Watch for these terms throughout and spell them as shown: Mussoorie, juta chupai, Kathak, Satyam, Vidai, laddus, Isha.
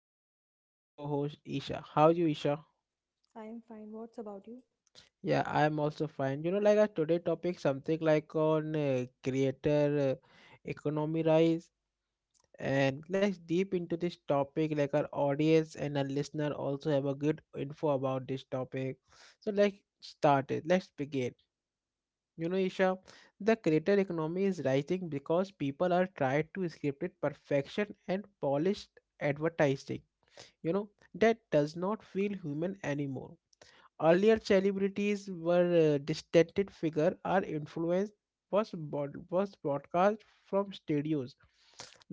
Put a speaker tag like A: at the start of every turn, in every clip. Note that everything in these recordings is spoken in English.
A: with me is our co-host Isha. How are you Isha?
B: I am fine. What's about you?
A: Yeah, I'm also fine. You know like our today topic something like on creator economy rise and let's deep into this topic like our audience and our listener also have a good info about this topic. So let's start it. Let's begin. You know Isha, the creator economy is rising because people are trying to script it perfection and polished advertising you know that does not feel human anymore earlier celebrities were distant figure our influence was broadcast from studios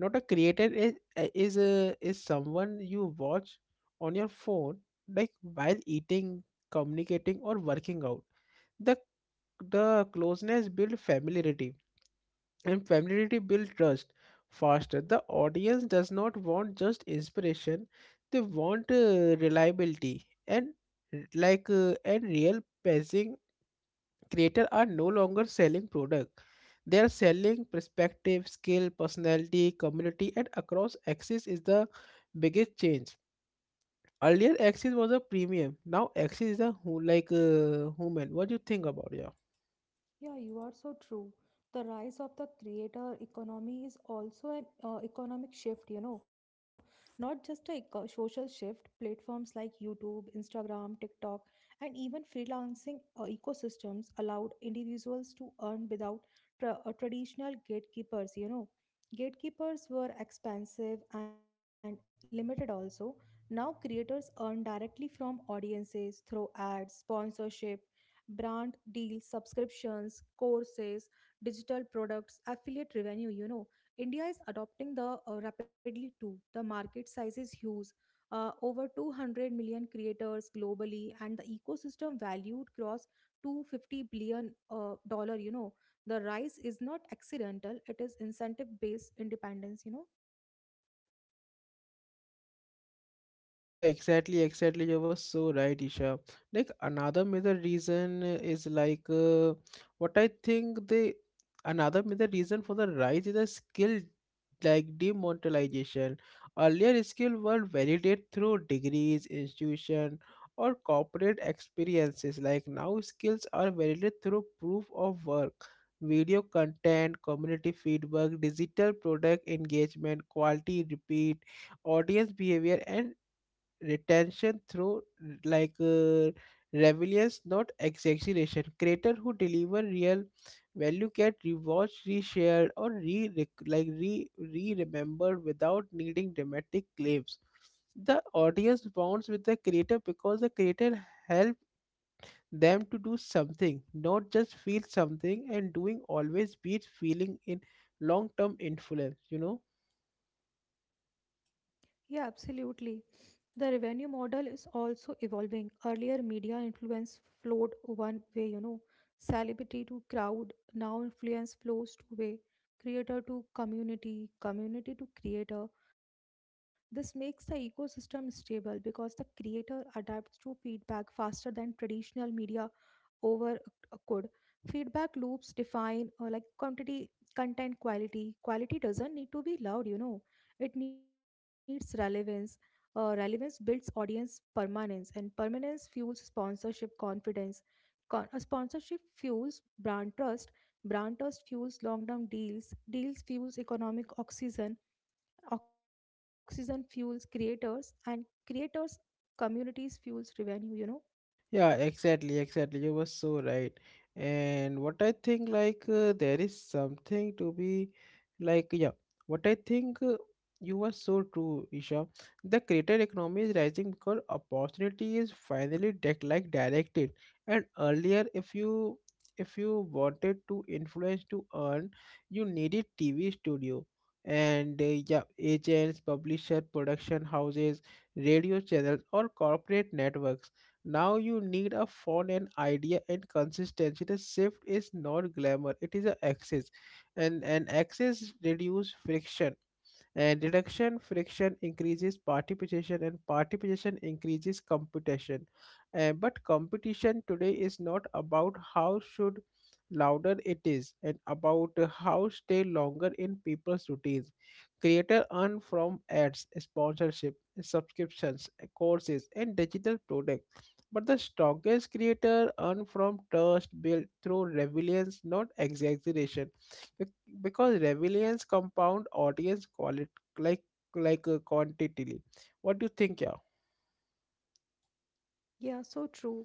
A: not a creator is is someone you watch on your phone like while eating communicating or working out the the closeness built familiarity and familiarity builds trust faster the audience does not want just inspiration they want reliability and real pacing creator are no longer selling product they are selling perspective skill personality community and across axis is the biggest change earlier axis was a premium now axis is a who human what do you think about it?
B: Yeah, you are so true. The rise of the creator economy is also an economic shift, you know, not just a social shift. Platforms like YouTube, Instagram, TikTok, and even freelancing ecosystems allowed individuals to earn without traditional gatekeepers, you know. Gatekeepers were expensive and limited also. Now creators earn directly from audiences through ads, sponsorship brand deals, subscriptions, courses, digital products, affiliate revenue. You know, India is adopting the rapidly too. The market size is huge. Over 200 million creators globally, and the ecosystem valued cross 250 billion dollar, you know, the rise is not accidental, it is incentive based independence, you know.
A: Yeah, exactly, exactly. You were so right, Isha. Like another major reason is what I think the another major reason for the rise is the skill like demonetization. Earlier, skill were validated through degrees, institution, or corporate experiences. Like now, skills are validated through proof of work, video content, community feedback, digital product engagement, quality repeat audience behavior and retention through like uh, relevance, not exaggeration. Creator who deliver real value get rewatched, reshared, or re rec- like re re remembered without needing dramatic claims. The audience bonds with the creator because the creator help them to do something, not just feel something. And doing always beats feeling in long term influence. You know.
B: Yeah, absolutely. The revenue model is also evolving. Earlier, media influence flowed one way, you know, celebrity to crowd. Now, influence flows two-way, creator to community, community to creator. This makes the ecosystem stable because the creator adapts to feedback faster than traditional media over could feedback loops define like quantity content quality. Quality doesn't need to be loud, you know, it needs relevance. Relevance builds audience permanence, and permanence fuels sponsorship confidence. Sponsorship fuels brand trust, brand trust fuels long-term deals, deals fuels economic oxygen, oxygen fuels creators, and creators communities fuels revenue, you know.
A: Yeah, exactly, exactly. You were so right. And what I think, like, there is something to be, like, yeah, what I think you were so true, Isha. The creator economy is rising because opportunity is finally deck like directed. And earlier, if you wanted to influence to earn, you needed TV studio and yeah, agents, publisher, production houses, radio channels, or corporate networks now you need a font and idea and consistency. The shift is not glamour; it is an axis, and an axis reduce friction. And reduction friction increases participation, and participation increases competition. But competition today is not about how should louder it is, and about how stay longer in people's routines. Creator earn from ads, sponsorship, subscriptions, courses, and digital products. But the strongest creator earn from trust built through relevance, not exaggeration. Bec- Because relevance compound audience quality like like a quantity what do you think, yeah?
B: Yeah, so true.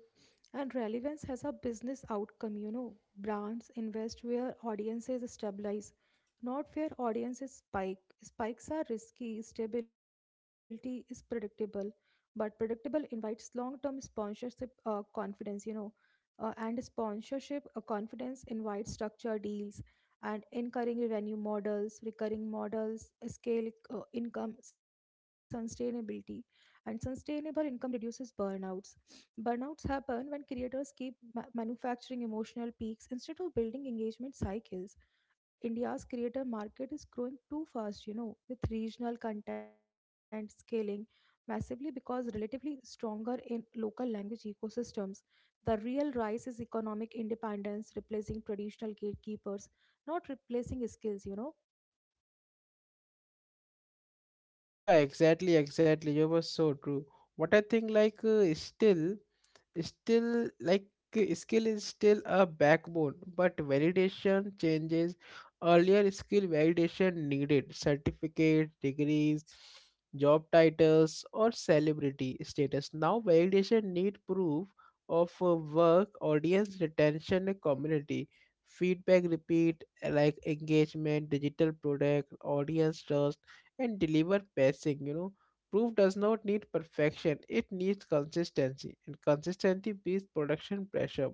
B: And relevance has a business outcome, you know. Brands invest where audiences stabilize, not where audiences spike. Spikes are risky, stability is predictable, but predictable invites long term sponsorship confidence, you know. And sponsorship confidence invites structured deals and incurring revenue models, recurring models, scale income, sustainability. And sustainable income reduces burnouts. Burnouts happen when creators keep manufacturing emotional peaks instead of building engagement cycles. India's creator market is growing too fast, you know, with regional content scaling massively because relatively stronger in local language ecosystems. The real rise is economic independence, replacing traditional gatekeepers, not replacing skills, you know.
A: Yeah, exactly, exactly, you were so true. What I think still skill is still a backbone but validation changes earlier skill validation needed certificate degrees job titles or celebrity status now validation need proof of work audience retention and community feedback repeat engagement digital product audience trust and deliver passing, you know. Proof does not need perfection, it needs consistency, and consistency beats production pressure.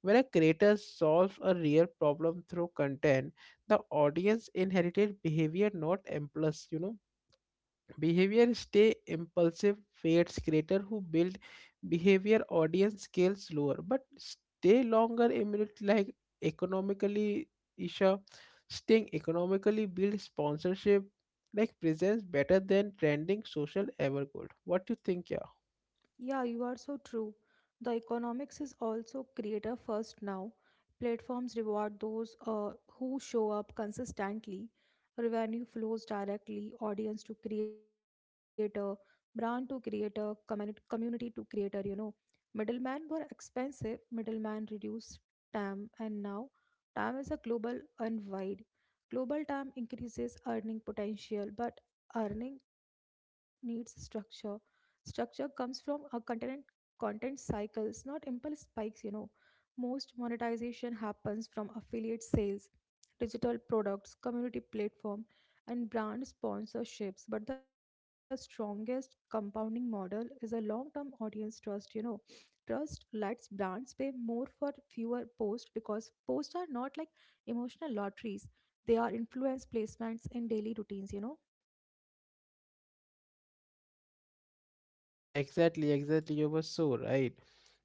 A: When a creator solves a real problem through content, the audience inherited behavior, not impulse, you know. Behavior stay impulsive fades creator who build behavior audience scale slower but stay longer immunity like economically Isha staying economically build sponsorship like presents better than trending social ever could. What do you think, yeah?
B: Yeah, you are so true. The economics is also creator first now. Platforms reward those who show up consistently. Revenue flows directly, audience to creator, brand to creator, community to creator, you know. Middlemen were expensive, middlemen reduced TAM, and now TAM is a global and wide. Global TAM increases earning potential, but earning needs structure. Structure comes from a content content cycles, not impulse spikes, you know. Most monetization happens from affiliate sales, digital products, community platform, and brand sponsorships. But the strongest compounding model is a long term audience trust, you know. Trust lets brands pay more for fewer posts because posts are not like emotional lotteries. They are influence placements in daily routines, you know.
A: Yeah, exactly, exactly. You were so right.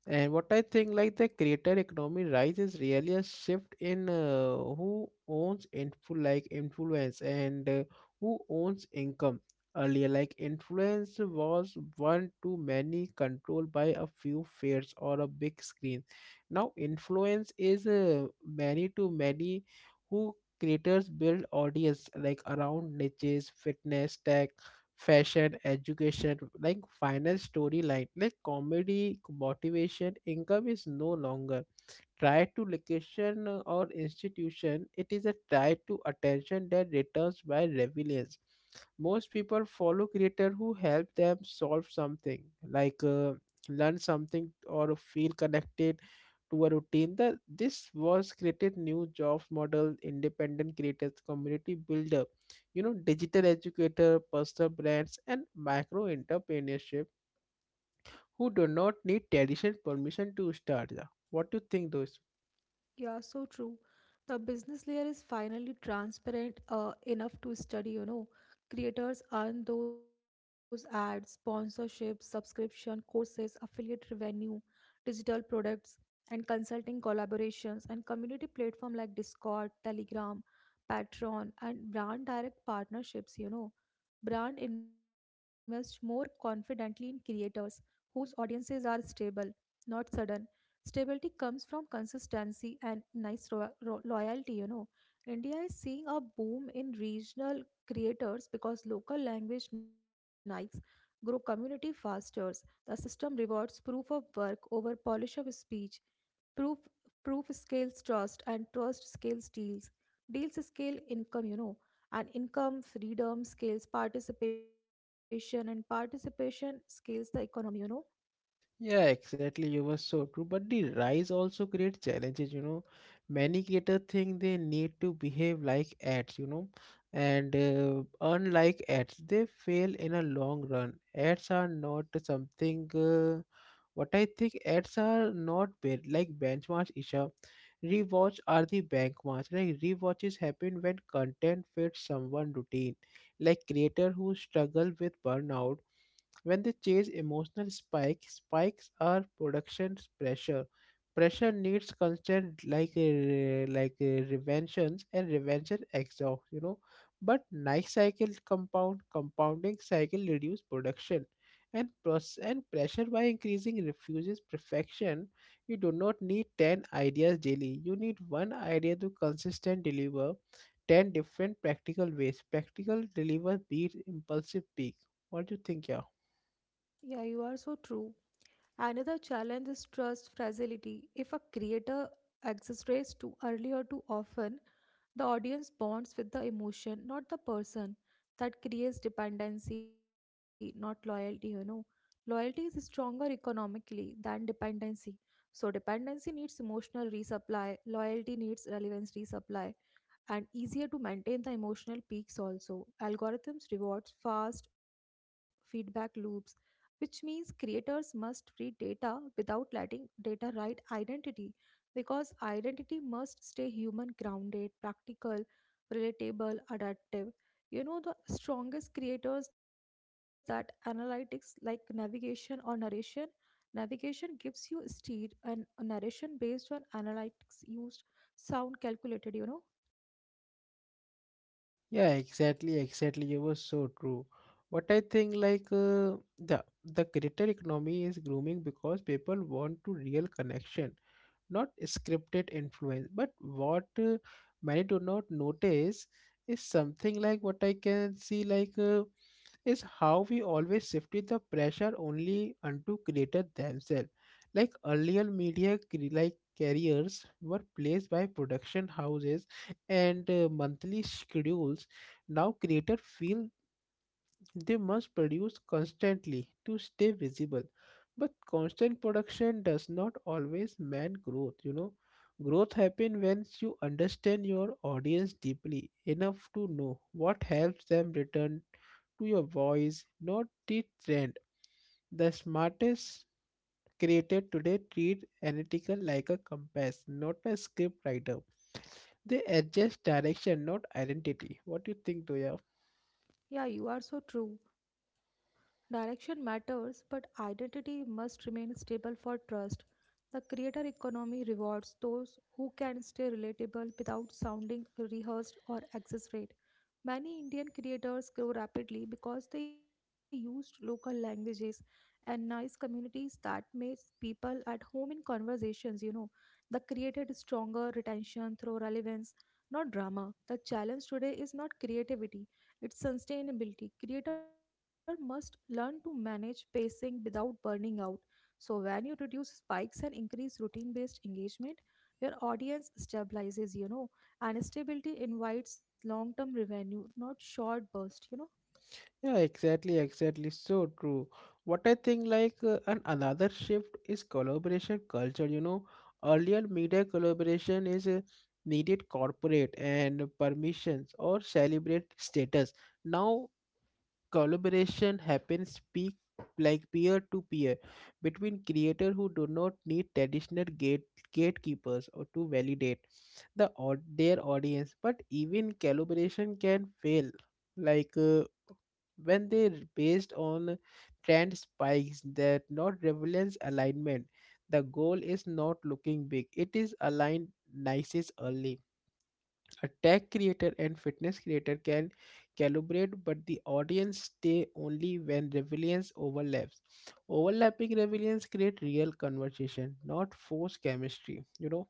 A: And what I think, like the creator economy rise is really a shift in who owns influence and who owns income. Earlier, like influence was one too many controlled by a few fears or a big screen. Now, influence is many to many who creators build audience like around niches, fitness, tech fashion, education, like finance storyline, like comedy, motivation, income is no longer tied to location or institution, it is a tie to attention that returns by relevance. Most people follow creators who help them solve something, like uh, learn something or feel connected to a routine. The, this was created new jobs model, independent creators, community builder, you know, digital educator, personal brands, and micro entrepreneurship who do not need tradition permission to start. Yeah. What do you think, though?
B: Yeah, so true. The business layer is finally transparent enough to study, you know. Creators earn those ads, sponsorships, subscription, courses, affiliate revenue, digital products, and consulting collaborations, and community platform like Discord, Telegram, Patreon, and brand direct partnerships, you know. Brand invests more confidently in creators whose audiences are stable, not sudden. Stability comes from consistency and nice loyalty, you know. India is seeing a boom in regional creators because local language Nikes grow community faster. The system rewards proof of work over polish of speech. Proof proof scales trust, and trust scales deals. Deals scale income, you know, and income freedom scales participation, and participation scales the economy, you know.
A: Yeah, exactly. You were so true. But the rise also create challenges, you know. Many creators think they need to behave like ads, you know, and earn like ads. They fail in a long run. Ads are not something. What I think ads are not benchmarks, Isha. Rewatch are the benchmarks. Like rewatches happen when content fits someone routine. Like creator who struggle with burnout when they chase emotional spike, spikes are production pressure. Pressure needs constant reventions and revention exhaust, you know. But nice cycle compounding cycle reduce production and pressure by increasing refuses perfection. You do not need ten ideas daily. You need one idea to consistent deliver 10 different practical ways. Practical deliver beat impulsive peak. What do you think, yeah?
B: Yeah, you are so true. Another challenge is trust fragility. If a creator exaggerates too early or too often, the audience bonds with the emotion, not the person. That creates dependency, not loyalty, you know. Loyalty is stronger economically than dependency. So, dependency needs emotional resupply, loyalty needs relevance resupply and easier to maintain the emotional peaks also. Algorithms rewards fast feedback loops, which means creators must read data without letting data write identity because identity must stay human grounded, practical, relatable, adaptive. You know the strongest creators that analytics like navigation or narration. Navigation gives you steer and narration based on analytics used sound calculated, you know.
A: Yeah, exactly, exactly. You were so true. What I think, the creator economy is grooming because people want to real connection, not scripted influence but what many do not notice is something like what I can see is how we always shifted the pressure only unto creators themselves. Like earlier media carriers were placed by production houses and monthly schedules. Now creators feel they must produce constantly to stay visible. But constant production does not always mean growth, you know. Growth happens when you understand your audience deeply enough to know what helps them return to your voice, not the trend. The smartest creator today treat analytical like a compass, not a script writer. They adjust direction, not identity. What do you think, Doya?
B: Yeah, you are so true. Direction matters, but identity must remain stable for trust. The creator economy rewards those who can stay relatable without sounding rehearsed or exaggerated. Many Indian creators grew rapidly because they used local languages and nice communities that made people at home in conversations, you know. That created stronger retention through relevance, not drama. The challenge today is not creativity, it's sustainability. Creator must learn to manage pacing without burning out. So when you reduce spikes and increase routine-based engagement, your audience stabilizes, you know, and stability invites long-term revenue, not short bursts, you know.
A: Yeah, exactly, exactly. So true. What I think, like, and another shift is collaboration culture. You know, earlier media collaboration is needed corporate and permissions or celebrate status. Now, collaboration happens peak like peer to peer between creators who do not need traditional gatekeepers or to validate their audience. But even collaboration can fail. Like. When they're based on trend spikes that not relevance alignment. The goal is not looking big, it is aligned nices early. A tech creator and fitness creator can calibrate, but the audience stay only when relevance overlaps. Overlapping relevance create real conversation, not forced chemistry. You know,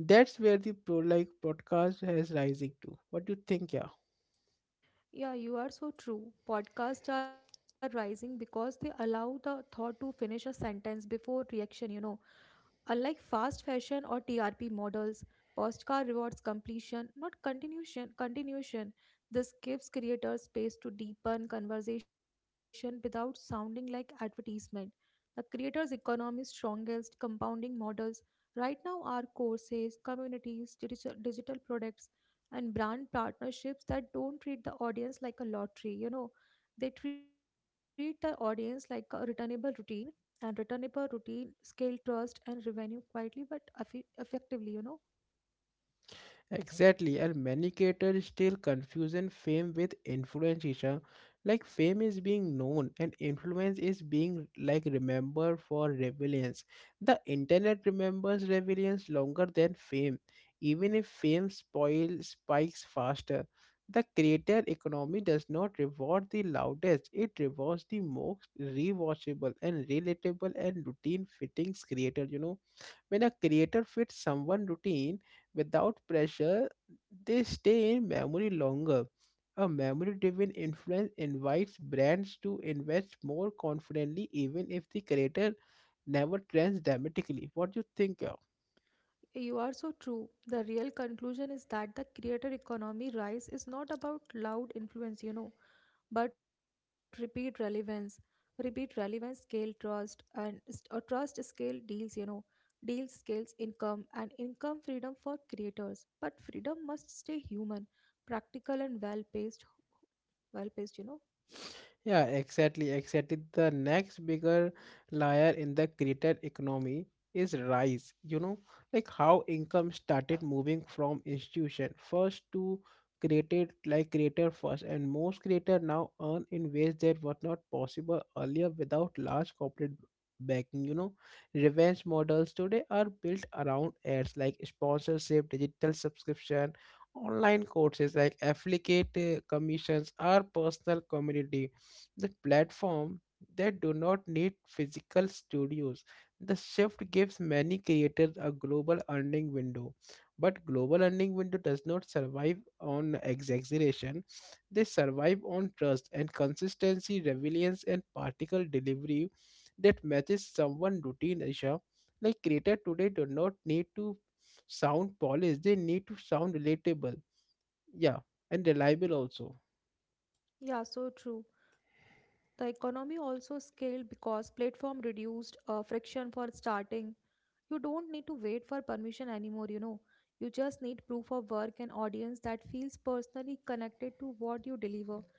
A: that's where the pro like podcast has rising to. What do you think, yeah?
B: Yeah, you are so true. Podcasts are rising because they allow the thought to finish a sentence before reaction, you know. Unlike fast fashion or TRP models, Postcard rewards completion, not continuation. Continuation. This gives creators space to deepen conversation without sounding like advertisement. The creator's economy is strongest compounding models right now are courses, communities, digital products, and brand partnerships that don't treat the audience like a lottery. You know, they treat the audience like a returnable routine, and return up a per routine, scale trust and revenue quietly but effectively, you know.
A: Exactly, and many creators still confusing fame with influence, Isha. Like fame is being known, and influence is being like remembered for relevance. The internet remembers relevance longer than fame, even if fame spoil spikes faster. The creator economy does not reward the loudest; it rewards the most rewatchable and relatable and routine fittings creator. You know. When a creator fits someone routine without pressure, they stay in memory longer. A memory driven influence invites brands to invest more confidently even if the creator never trends dramatically. What do you think?
B: You are so true. The real conclusion is that the creator economy rise is not about loud influence, you know, but repeat relevance. Repeat relevance, scale trust, and or trust scale deals, you know. Deals scales income and income freedom for creators. But freedom must stay human, practical, and well paced, you know.
A: Yeah, exactly, exactly. The next bigger layer in the creator economy is rise. You know, like how income started moving from institution first to created like creator first, and most creator now earn in ways that were not possible earlier without large corporate backing. You know, revenge models today are built around ads like sponsorship, digital subscription, online courses like affiliate commissions, or personal community the platform that do not need physical studios. The shift gives many creators a global earning window, but global earning window does not survive on exaggeration. They survive on trust and consistency, resilience, and particle delivery that matches someone routine. Isha, like creator today do not need to sound polished; they need to sound relatable, yeah, and reliable also.
B: Yeah, so true. The economy also scaled because platform reduced friction for starting. You don't need to wait for permission anymore, you know. You just need proof of work and audience that feels personally connected to what you deliver.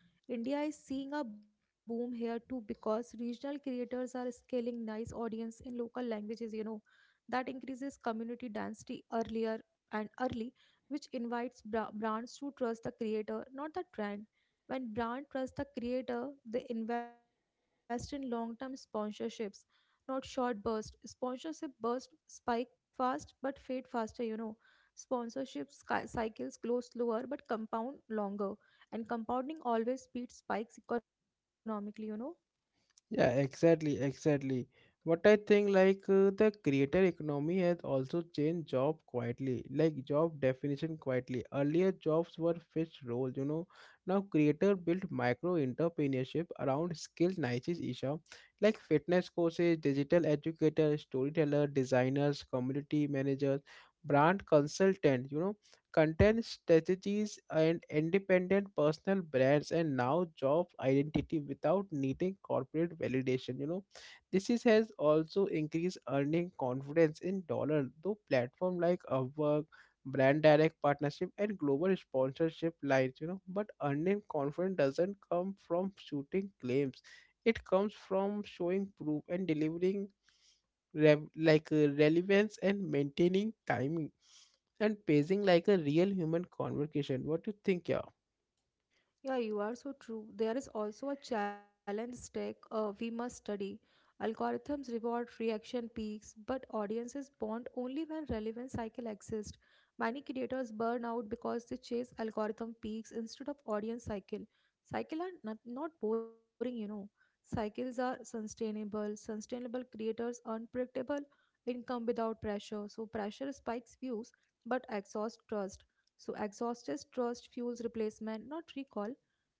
B: India is seeing a boom here too because regional creators are scaling nice audience in local languages, you know. That increases community density earlier and early, which invites brands to trust the creator, not the trend. When brand trusts the creator, they invest in long-term sponsorships, not short burst. Sponsorship burst spike fast but fade faster, you know. Sponsorship cycles glow slower but compound longer, and compounding always beats spikes economically, you know.
A: Yeah, exactly, exactly. What I think, the creator economy has also changed job quietly, like job definition quietly. Earlier, jobs were fixed roles, you know. Now, creator built micro entrepreneurship around skill niches, Isha, like fitness coaches, digital educator, storyteller, designers, community managers, brand consultant. You know content strategies and independent personal brands and now job identity without needing corporate validation, you know this is, has also increased earning confidence in dollar though platform like Upwork brand direct partnership and global sponsorship lines, you know but earning confidence doesn't come from shooting claims it comes from showing proof and delivering relevance and maintaining timing and pacing like a real human conversation. What do you think, yeah?
B: Yeah, you are so true. There is also a challenge stack we must study. Algorithms reward reaction peaks, but audiences bond only when relevant cycle exists. Many creators burn out because they chase algorithm peaks instead of audience cycle. Cycle are not boring, you know. Cycles are sustainable. Sustainable creators earn predictable income without pressure. So pressure spikes views but exhausts trust, so exhausted trust fuels replacement, not recall.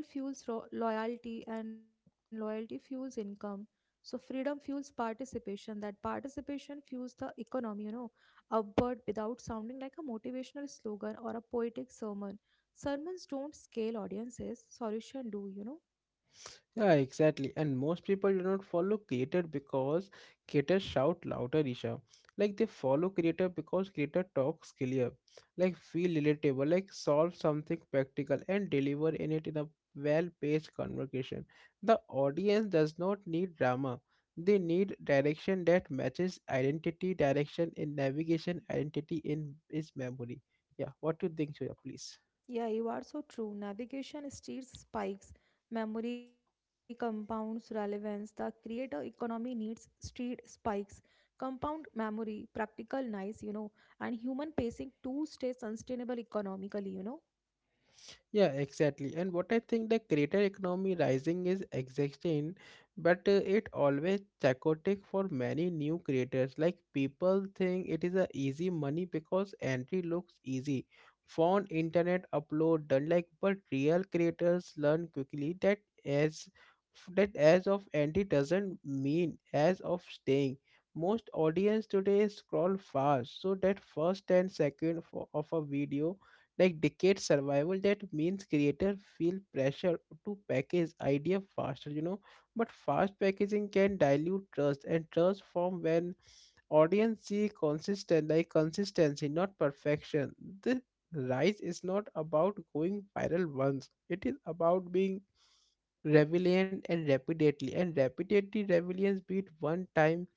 B: Recall fuels loyalty, and loyalty fuels income. So, freedom fuels participation. That participation fuels the economy, you know, upward without sounding like a motivational slogan or a poetic sermon. Sermons don't scale audiences, solution do, you know.
A: Yeah, exactly. And most people do not follow creator because creator shout louder, Isha. Like they follow creator because creator talks clear, like feel relatable, like solve something practical and deliver in it in a well-paced conversation. The audience does not need drama. They need direction that matches identity, direction in navigation, identity in is memory. Yeah, what do you think, Shoya, please?
B: Yeah, you are so true. Navigation steers spikes, memory compounds relevance. The creator economy needs steered spikes, compound memory, practical nice, you know, and human pacing to stay sustainable economically, you know.
A: Yeah, exactly. And what I think the creator economy rising is existing, but it always chaotic for many new creators. Like people think it is a easy money because entry looks easy. Phone, internet, upload, done like but real creators learn quickly that as as of entry doesn't mean as of staying. Most audience today scroll fast, so that first 10 second of a video like decade survival. That means creators feel pressure to package idea faster, you know, but fast packaging can dilute trust, and trust form when audience see consistent like consistency not perfection. The rise is not about going viral once, it is about being relevant and repeatedly. Relevance beat one time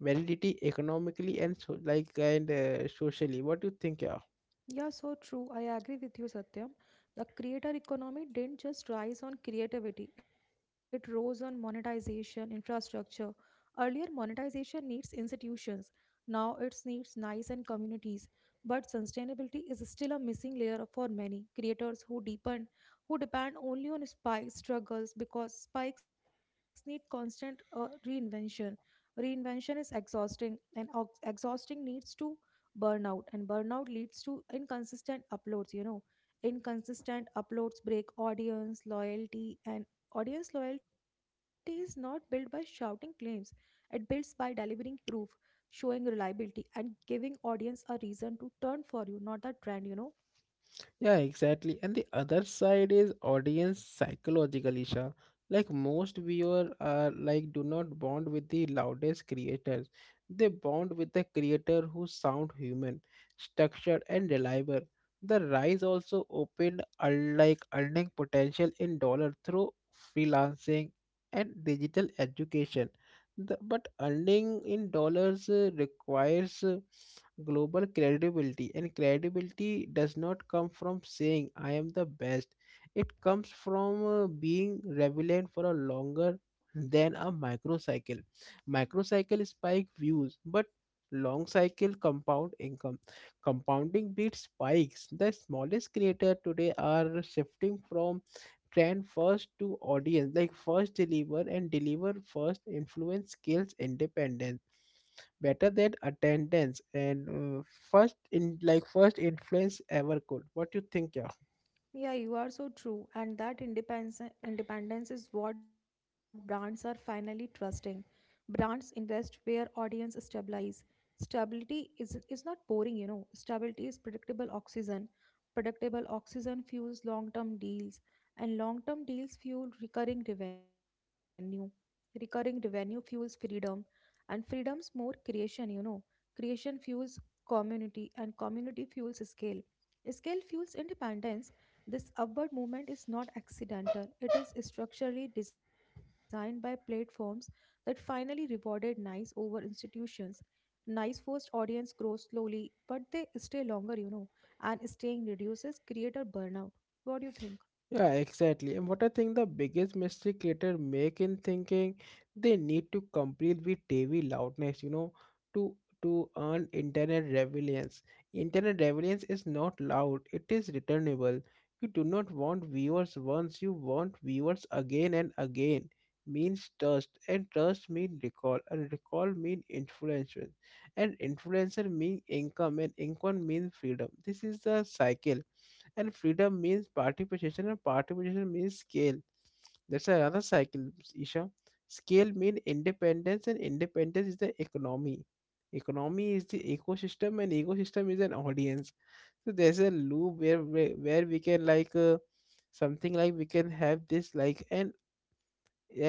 A: validity economically and so like and socially. What do you think
B: Yeah, so true. I agree with you, Satyam. The creator economy didn't just rise on creativity, it rose on monetization, infrastructure. Earlier, monetization needs institutions. Now it needs nice and communities. But sustainability is still a missing layer for many creators who deepen, who depend only on spike struggles because spikes need constant reinvention. Reinvention is exhausting, and exhausting needs to burnout, and burnout leads to inconsistent uploads, you know. Inconsistent uploads break audience loyalty, and audience loyalty is not built by shouting claims, it builds by delivering proof, showing reliability, and giving audience a reason to turn for you, not the trend, you know.
A: Yeah, exactly. And the other side is audience psychological issue. Like most viewers are like do not bond with the loudest creators. They bond with the creator who sound human, structured and reliable. The rise also opened unlike earning potential in dollar through freelancing and digital education. The, but earning in dollars requires global credibility, and credibility does not come from saying I am the best. It comes from being relevant for a longer than a microcycle. Microcycle spike views, but long cycle compound income. Compounding beats spikes. The smallest creator today are shifting from trend first to audience like first deliver and deliver first influence skills independence better than attendance and first in like first influence ever could. What do you think, yeah?
B: Yeah, you are so true. And that independence is what brands are finally trusting. Brands invest where audience stabilize. Stability is not boring, you know. Stability is predictable oxygen. Predictable oxygen fuels long term deals, and long term deals fuel recurring revenue. Recurring revenue fuels freedom, and freedom's more creation, you know. Creation fuels community, and community fuels scale. Scale fuels independence. This upward movement is not accidental, it is structurally designed by platforms that finally rewarded nice over institutions. Nice first audience grows slowly, but they stay longer, you know, and staying reduces creator burnout. What do you think?
A: Yeah, exactly. And what I think the biggest mistake creators make in thinking they need to compete with TV loudness, you know, to to earn internet relevance. Internet relevance is not loud; it is returnable. You do not want viewers once; you want viewers again and again. Means trust, and trust mean recall, and recall mean influence, and influencer mean income, and income mean freedom. This is the cycle, and freedom means participation and participation means scale. That's another cycle, Isha. Scale means independence and independence is the economy. Economy is the ecosystem and ecosystem is an audience. So there's a loop where where we can like something like we can have this like,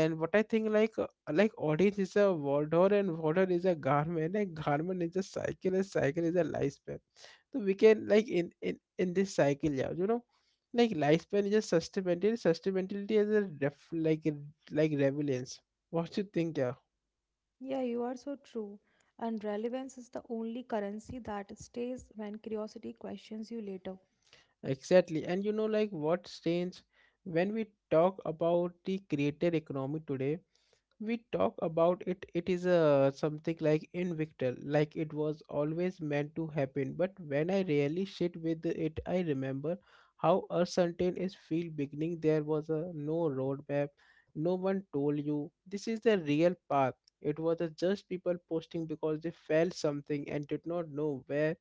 A: and what I think like audience is a wardrobe and wardrobe is a garment and garment is a cycle and cycle is a lifespan. So we can like in this cycle, yeah, you know, like lifespan is just sustainability. Sustainability is a ref like a- like relevance. What you think, yeah?
B: Yeah, you are so true. And relevance is the only currency that stays when curiosity questions you later.
A: Exactly. And you know, like what's strange when we talk about the creator economy today, we talk about it it is a something like invictal like it was always meant to happen. But when I really sit with it, I remember how uncertain is feel beginning. There was a no roadmap, no one told you this is the real path. It was a just people posting because they felt something and did not know where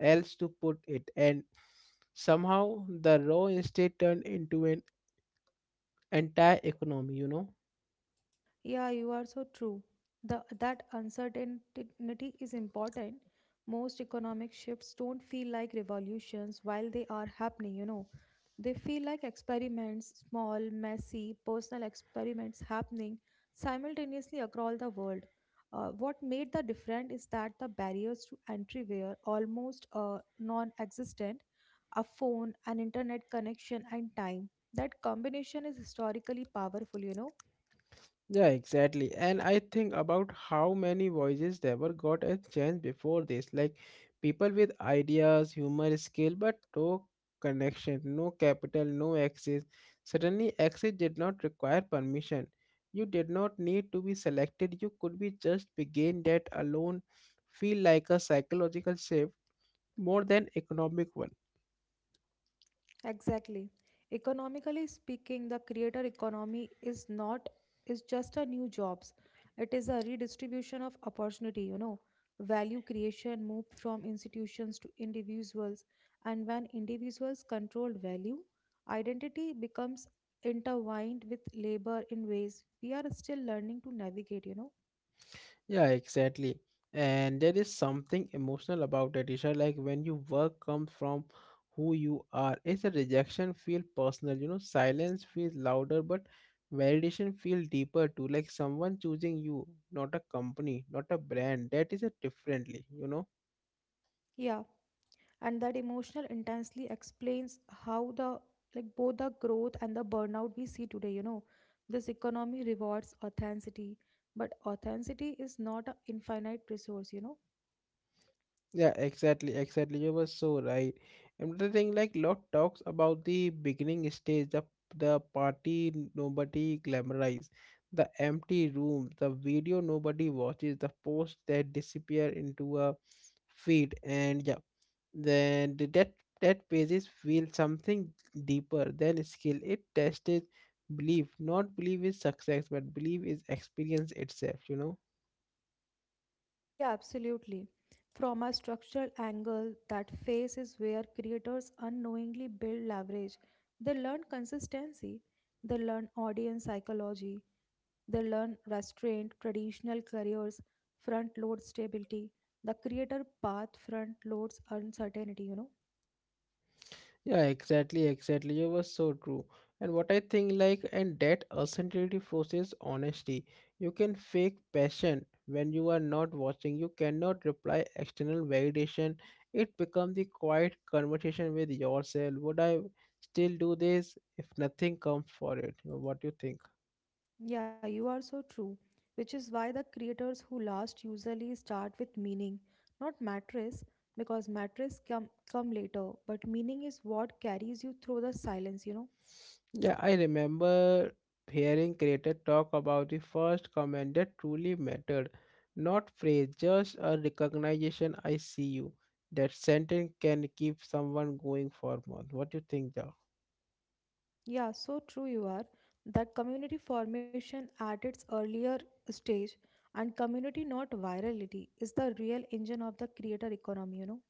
A: else to put it, and somehow the raw estate turned into an entire economy, you know.
B: Yeah, you are so true. That uncertainty is important. Most economic shifts don't feel like revolutions while they are happening, you know. They feel like experiments, small, messy, personal experiments happening simultaneously across the world. What made the difference is that the barriers to entry were almost non existent: a phone, an internet connection, and time. That combination is historically powerful, you know.
A: Yeah, exactly. And I think about how many voices there were got a chance before this. Like people with ideas, humor, skill, but no connection, no capital, no access. Suddenly, access did not require permission. You did not need to be selected. You could be just begin that alone. Feel like a psychological shift more than economic one.
B: Exactly. Economically speaking, the creator economy is not is just a new jobs. It is a redistribution of opportunity, you know. Value creation moved from institutions to individuals, and when individuals control value, identity becomes intertwined with labor in ways we are still learning to navigate, you know.
A: Yeah, exactly. And there is something emotional about it, Isha. Like when your work comes from who you are, it's a rejection feel personal. You know, silence feels louder, but validation feel deeper too. Like someone choosing you, not a company, not a brand. That is a differently. You know.
B: Yeah. And that emotional intensely explains how the like both the growth and the burnout we see today, you know. This economy rewards authenticity, but authenticity is not an infinite resource, you know.
A: Yeah, exactly. You were so right. And the thing, like, lot talks about the beginning stage, the party nobody glamorize, the empty room, the video nobody watches, the posts that disappear into a feed, and yeah, then the- that that pages feel something deeper than skill. It tested belief, not belief is success, but belief is experience itself. You know.
B: Yeah, absolutely. From a structural angle, that phase is where creators unknowingly build leverage. They learn consistency, they learn audience psychology, they learn restraint, traditional careers, front load stability. The creator path front loads uncertainty, you know.
A: Yeah, exactly. You were so true. And what I think, like, and that authenticity forces honesty. You can fake passion when you are not watching. You cannot reply external validation. It becomes the quiet conversation with yourself. Would I still do this if nothing comes for it? What do you think?
B: Yeah, you are so true. Which is why the creators who last usually start with meaning, not mattress, because mattress come later, but meaning is what carries you through the silence, you know.
A: Yeah, I remember hearing creators talk about the first comment that truly mattered. Not phrase, just a recognition I see you. That sentence can keep someone going for months. What do you think, Joe?
B: Yeah, so true you are. That community formation at its earlier stage, and community not virality is the real engine of the creator economy, you know.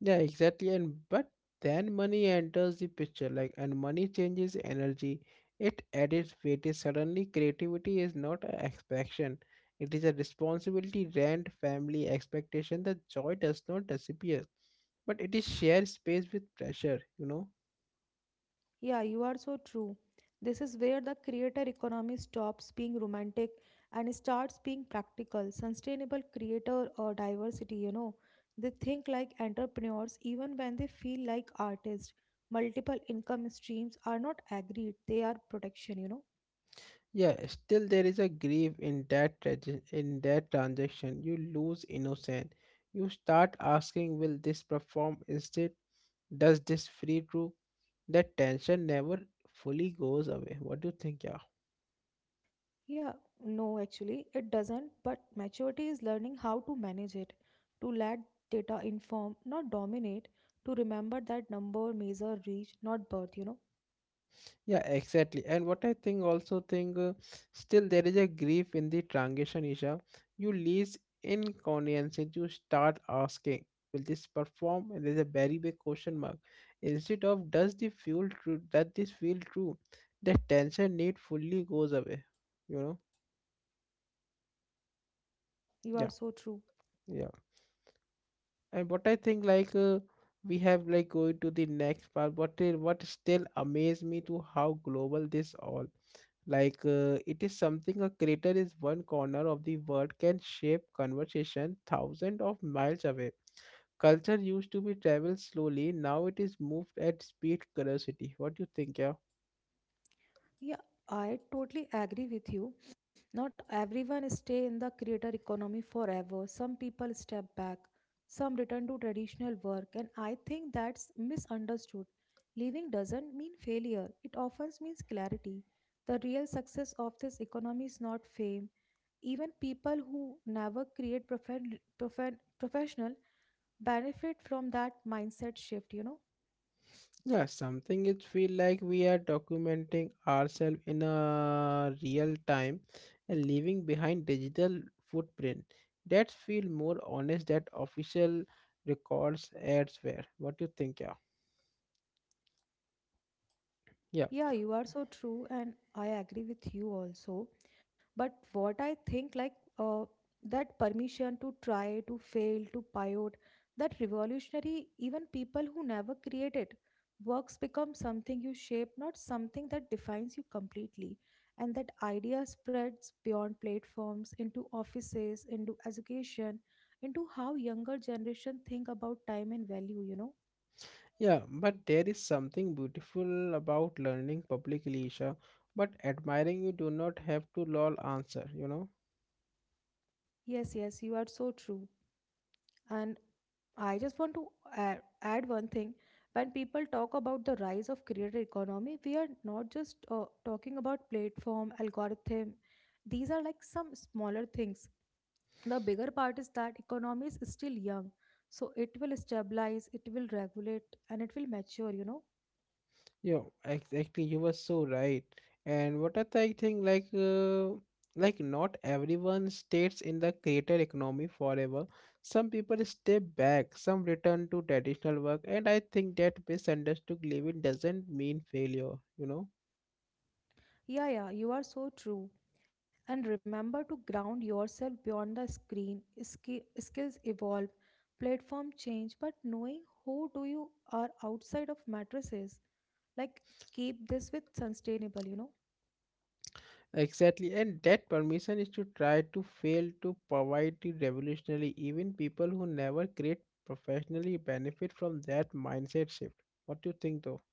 A: Yeah, exactly. And but then money enters the picture, like, and money changes energy. It adds weight. It suddenly, creativity is not an expectation. It is a responsibility, rent, family, expectation. The joy does not disappear, but it is shared space with pressure, you know.
B: Yeah, you are so true. This is where the creator economy stops being romantic and starts being practical, sustainable creator or diversity, you know. They think like entrepreneurs even when they feel like artists. Multiple income streams are not agreed, they are protection, you know.
A: Yeah, still there is a grief in that in that transaction. You lose innocence, you start asking will this perform instead does this free true. That tension never fully goes away. What do you think, yeah?
B: Yeah, no, actually, it doesn't, but maturity is learning how to manage it, to let data inform, not dominate, to remember that number, measure, reach, not birth, you know.
A: Yeah, exactly. And what I think also think still there is a grief in the transition, Isha. You lease inconvenience, you start asking, will this perform? And there's a very big question mark. Instead of does this feel true? The tension need fully goes away. You know?
B: You are
A: Yeah,
B: so true.
A: yeah. And what I think like we have like going to the next part, but what still amaze me to how global this all. Like it is something a crater is one corner of the world can shape conversation thousands of miles away. Culture used to be traveled slowly, now it is moved at speed curiosity. What do you think, yeah?
B: Yeah, I totally agree with you. Not everyone stay in the creator economy forever. Some people step back, some return to traditional work, and I think that's misunderstood. Leaving doesn't mean failure. It often means clarity. The real success of this economy is not fame. Even people who never create professional benefit from that mindset shift, you know.
A: Yeah, something it feel like we are documenting ourselves in a real time and leaving behind digital footprint. That feel more honest that official records elsewhere. What do you think, yeah? Yeah.
B: Yeah, you are so true, and I agree with you also. But what I think, like uh, that permission to try, to fail, to pivot, that revolutionary, even people who never created works become something you shape, not something that defines you completely. And that idea spreads beyond platforms, into offices, into education, into how younger generation think about time and value, you know?
A: Yeah, but there is something beautiful about learning publicly, Isha. But admiring you do not have to lol answer, you know?
B: Yes, yes, you are so true. And I just want to add one thing. When people talk about the rise of creator economy, we are not just talking about platform, algorithm. These are like some smaller things. The bigger part is that economy is still young. So it will stabilize, it will regulate, and it will mature, you know.
A: Yeah, exactly. You were so right. And what a thing like not everyone stays in the creator economy forever. Some people step back, some return to traditional work, and I think that misunderstood living doesn't mean failure, you know?
B: Yeah, yeah, you are so true. And remember to ground yourself beyond the screen. Skills evolve, platform change, but knowing who do you are outside of matrices like keep this with sustainable, you know.
A: Exactly, and that permission is to try to fail to provide the revolutionary. Even people who never create professionally benefit from that mindset shift. What do you think, though?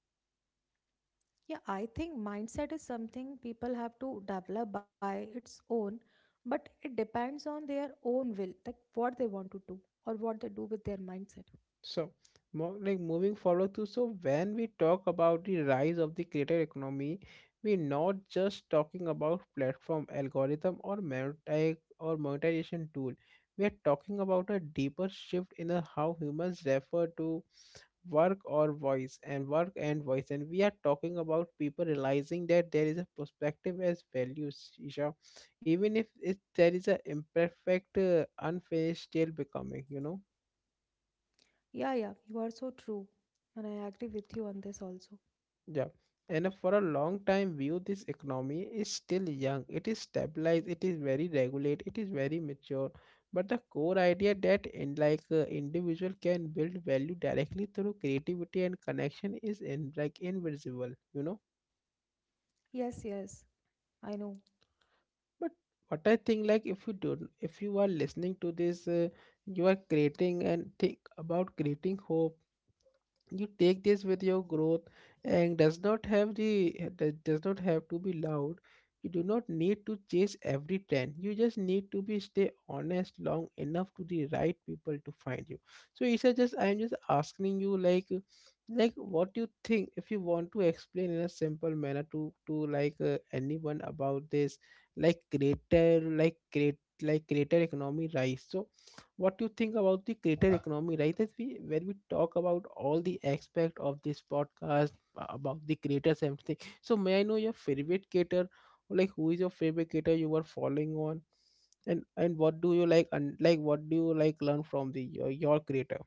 B: Yeah, I think mindset is something people have to develop by its own, but it depends on their own will, like what they want to do or what they do with their mindset.
A: So, like moving forward to so when we talk about the rise of the creator economy, we're not just talking about platform algorithm or monetize or monetization tool. We are talking about a deeper shift in a how humans refer to work and voice, and we are talking about people realizing that there is a perspective as values, Isha. Even if it, there is a imperfect unfinished still becoming, you know.
B: Yeah, yeah, you are so true, and I agree with you on this also.
A: Yeah, and for a long time view, this economy is still young, it is stabilized, it is very regulate, it is very mature. But the core idea that in like individual can build value directly through creativity and connection is in like invisible, you know.
B: Yes, yes, I know.
A: But what I think like if you do if you are listening to this you are creating and think about creating hope, you take this with your growth, and does not have the that does not have to be loud. You do not need to chase every trend, you just need to be stay honest long enough to the right people to find you. So Isha, just I'm just asking you like what do you think if you want to explain in a simple manner to like anyone about this like greater like great like greater economy rise. So what do you think about the creator economy right as we when we talk about all the aspect of this podcast, about the creators and everything. So may I know your favorite creator, like who is your favorite creator you were following on, and what do you like, and like what do you like learn from the your creator?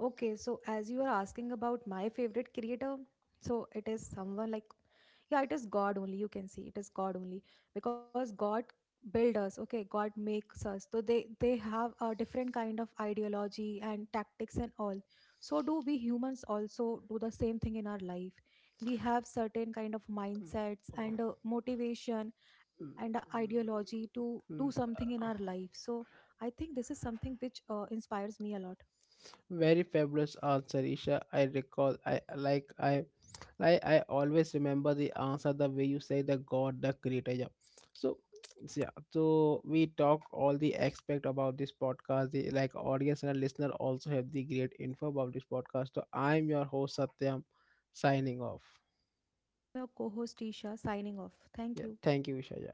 B: Okay, so as you are asking about my favorite creator, so it is someone like, yeah, it is God only. You can see it is God only because God build us. Okay, God makes us. So they have a different kind of ideology and tactics and all. So do we humans also do the same thing in our life? We have certain kind of mindsets and motivation and ideology to do something in our life. So I think this is something which inspires me a lot.
A: Very fabulous answer, Isha. I recall I like I always remember the answer the way you say the God, the creator. Yeah. So it's- yeah, so we talk all the aspect about this podcast. The like audience and listener also have the great info about this podcast. So I'm your host, Satyam, signing off.
B: I am your co host Isha signing off. Thank
A: Yeah,
B: you.
A: thank you, Vishaya.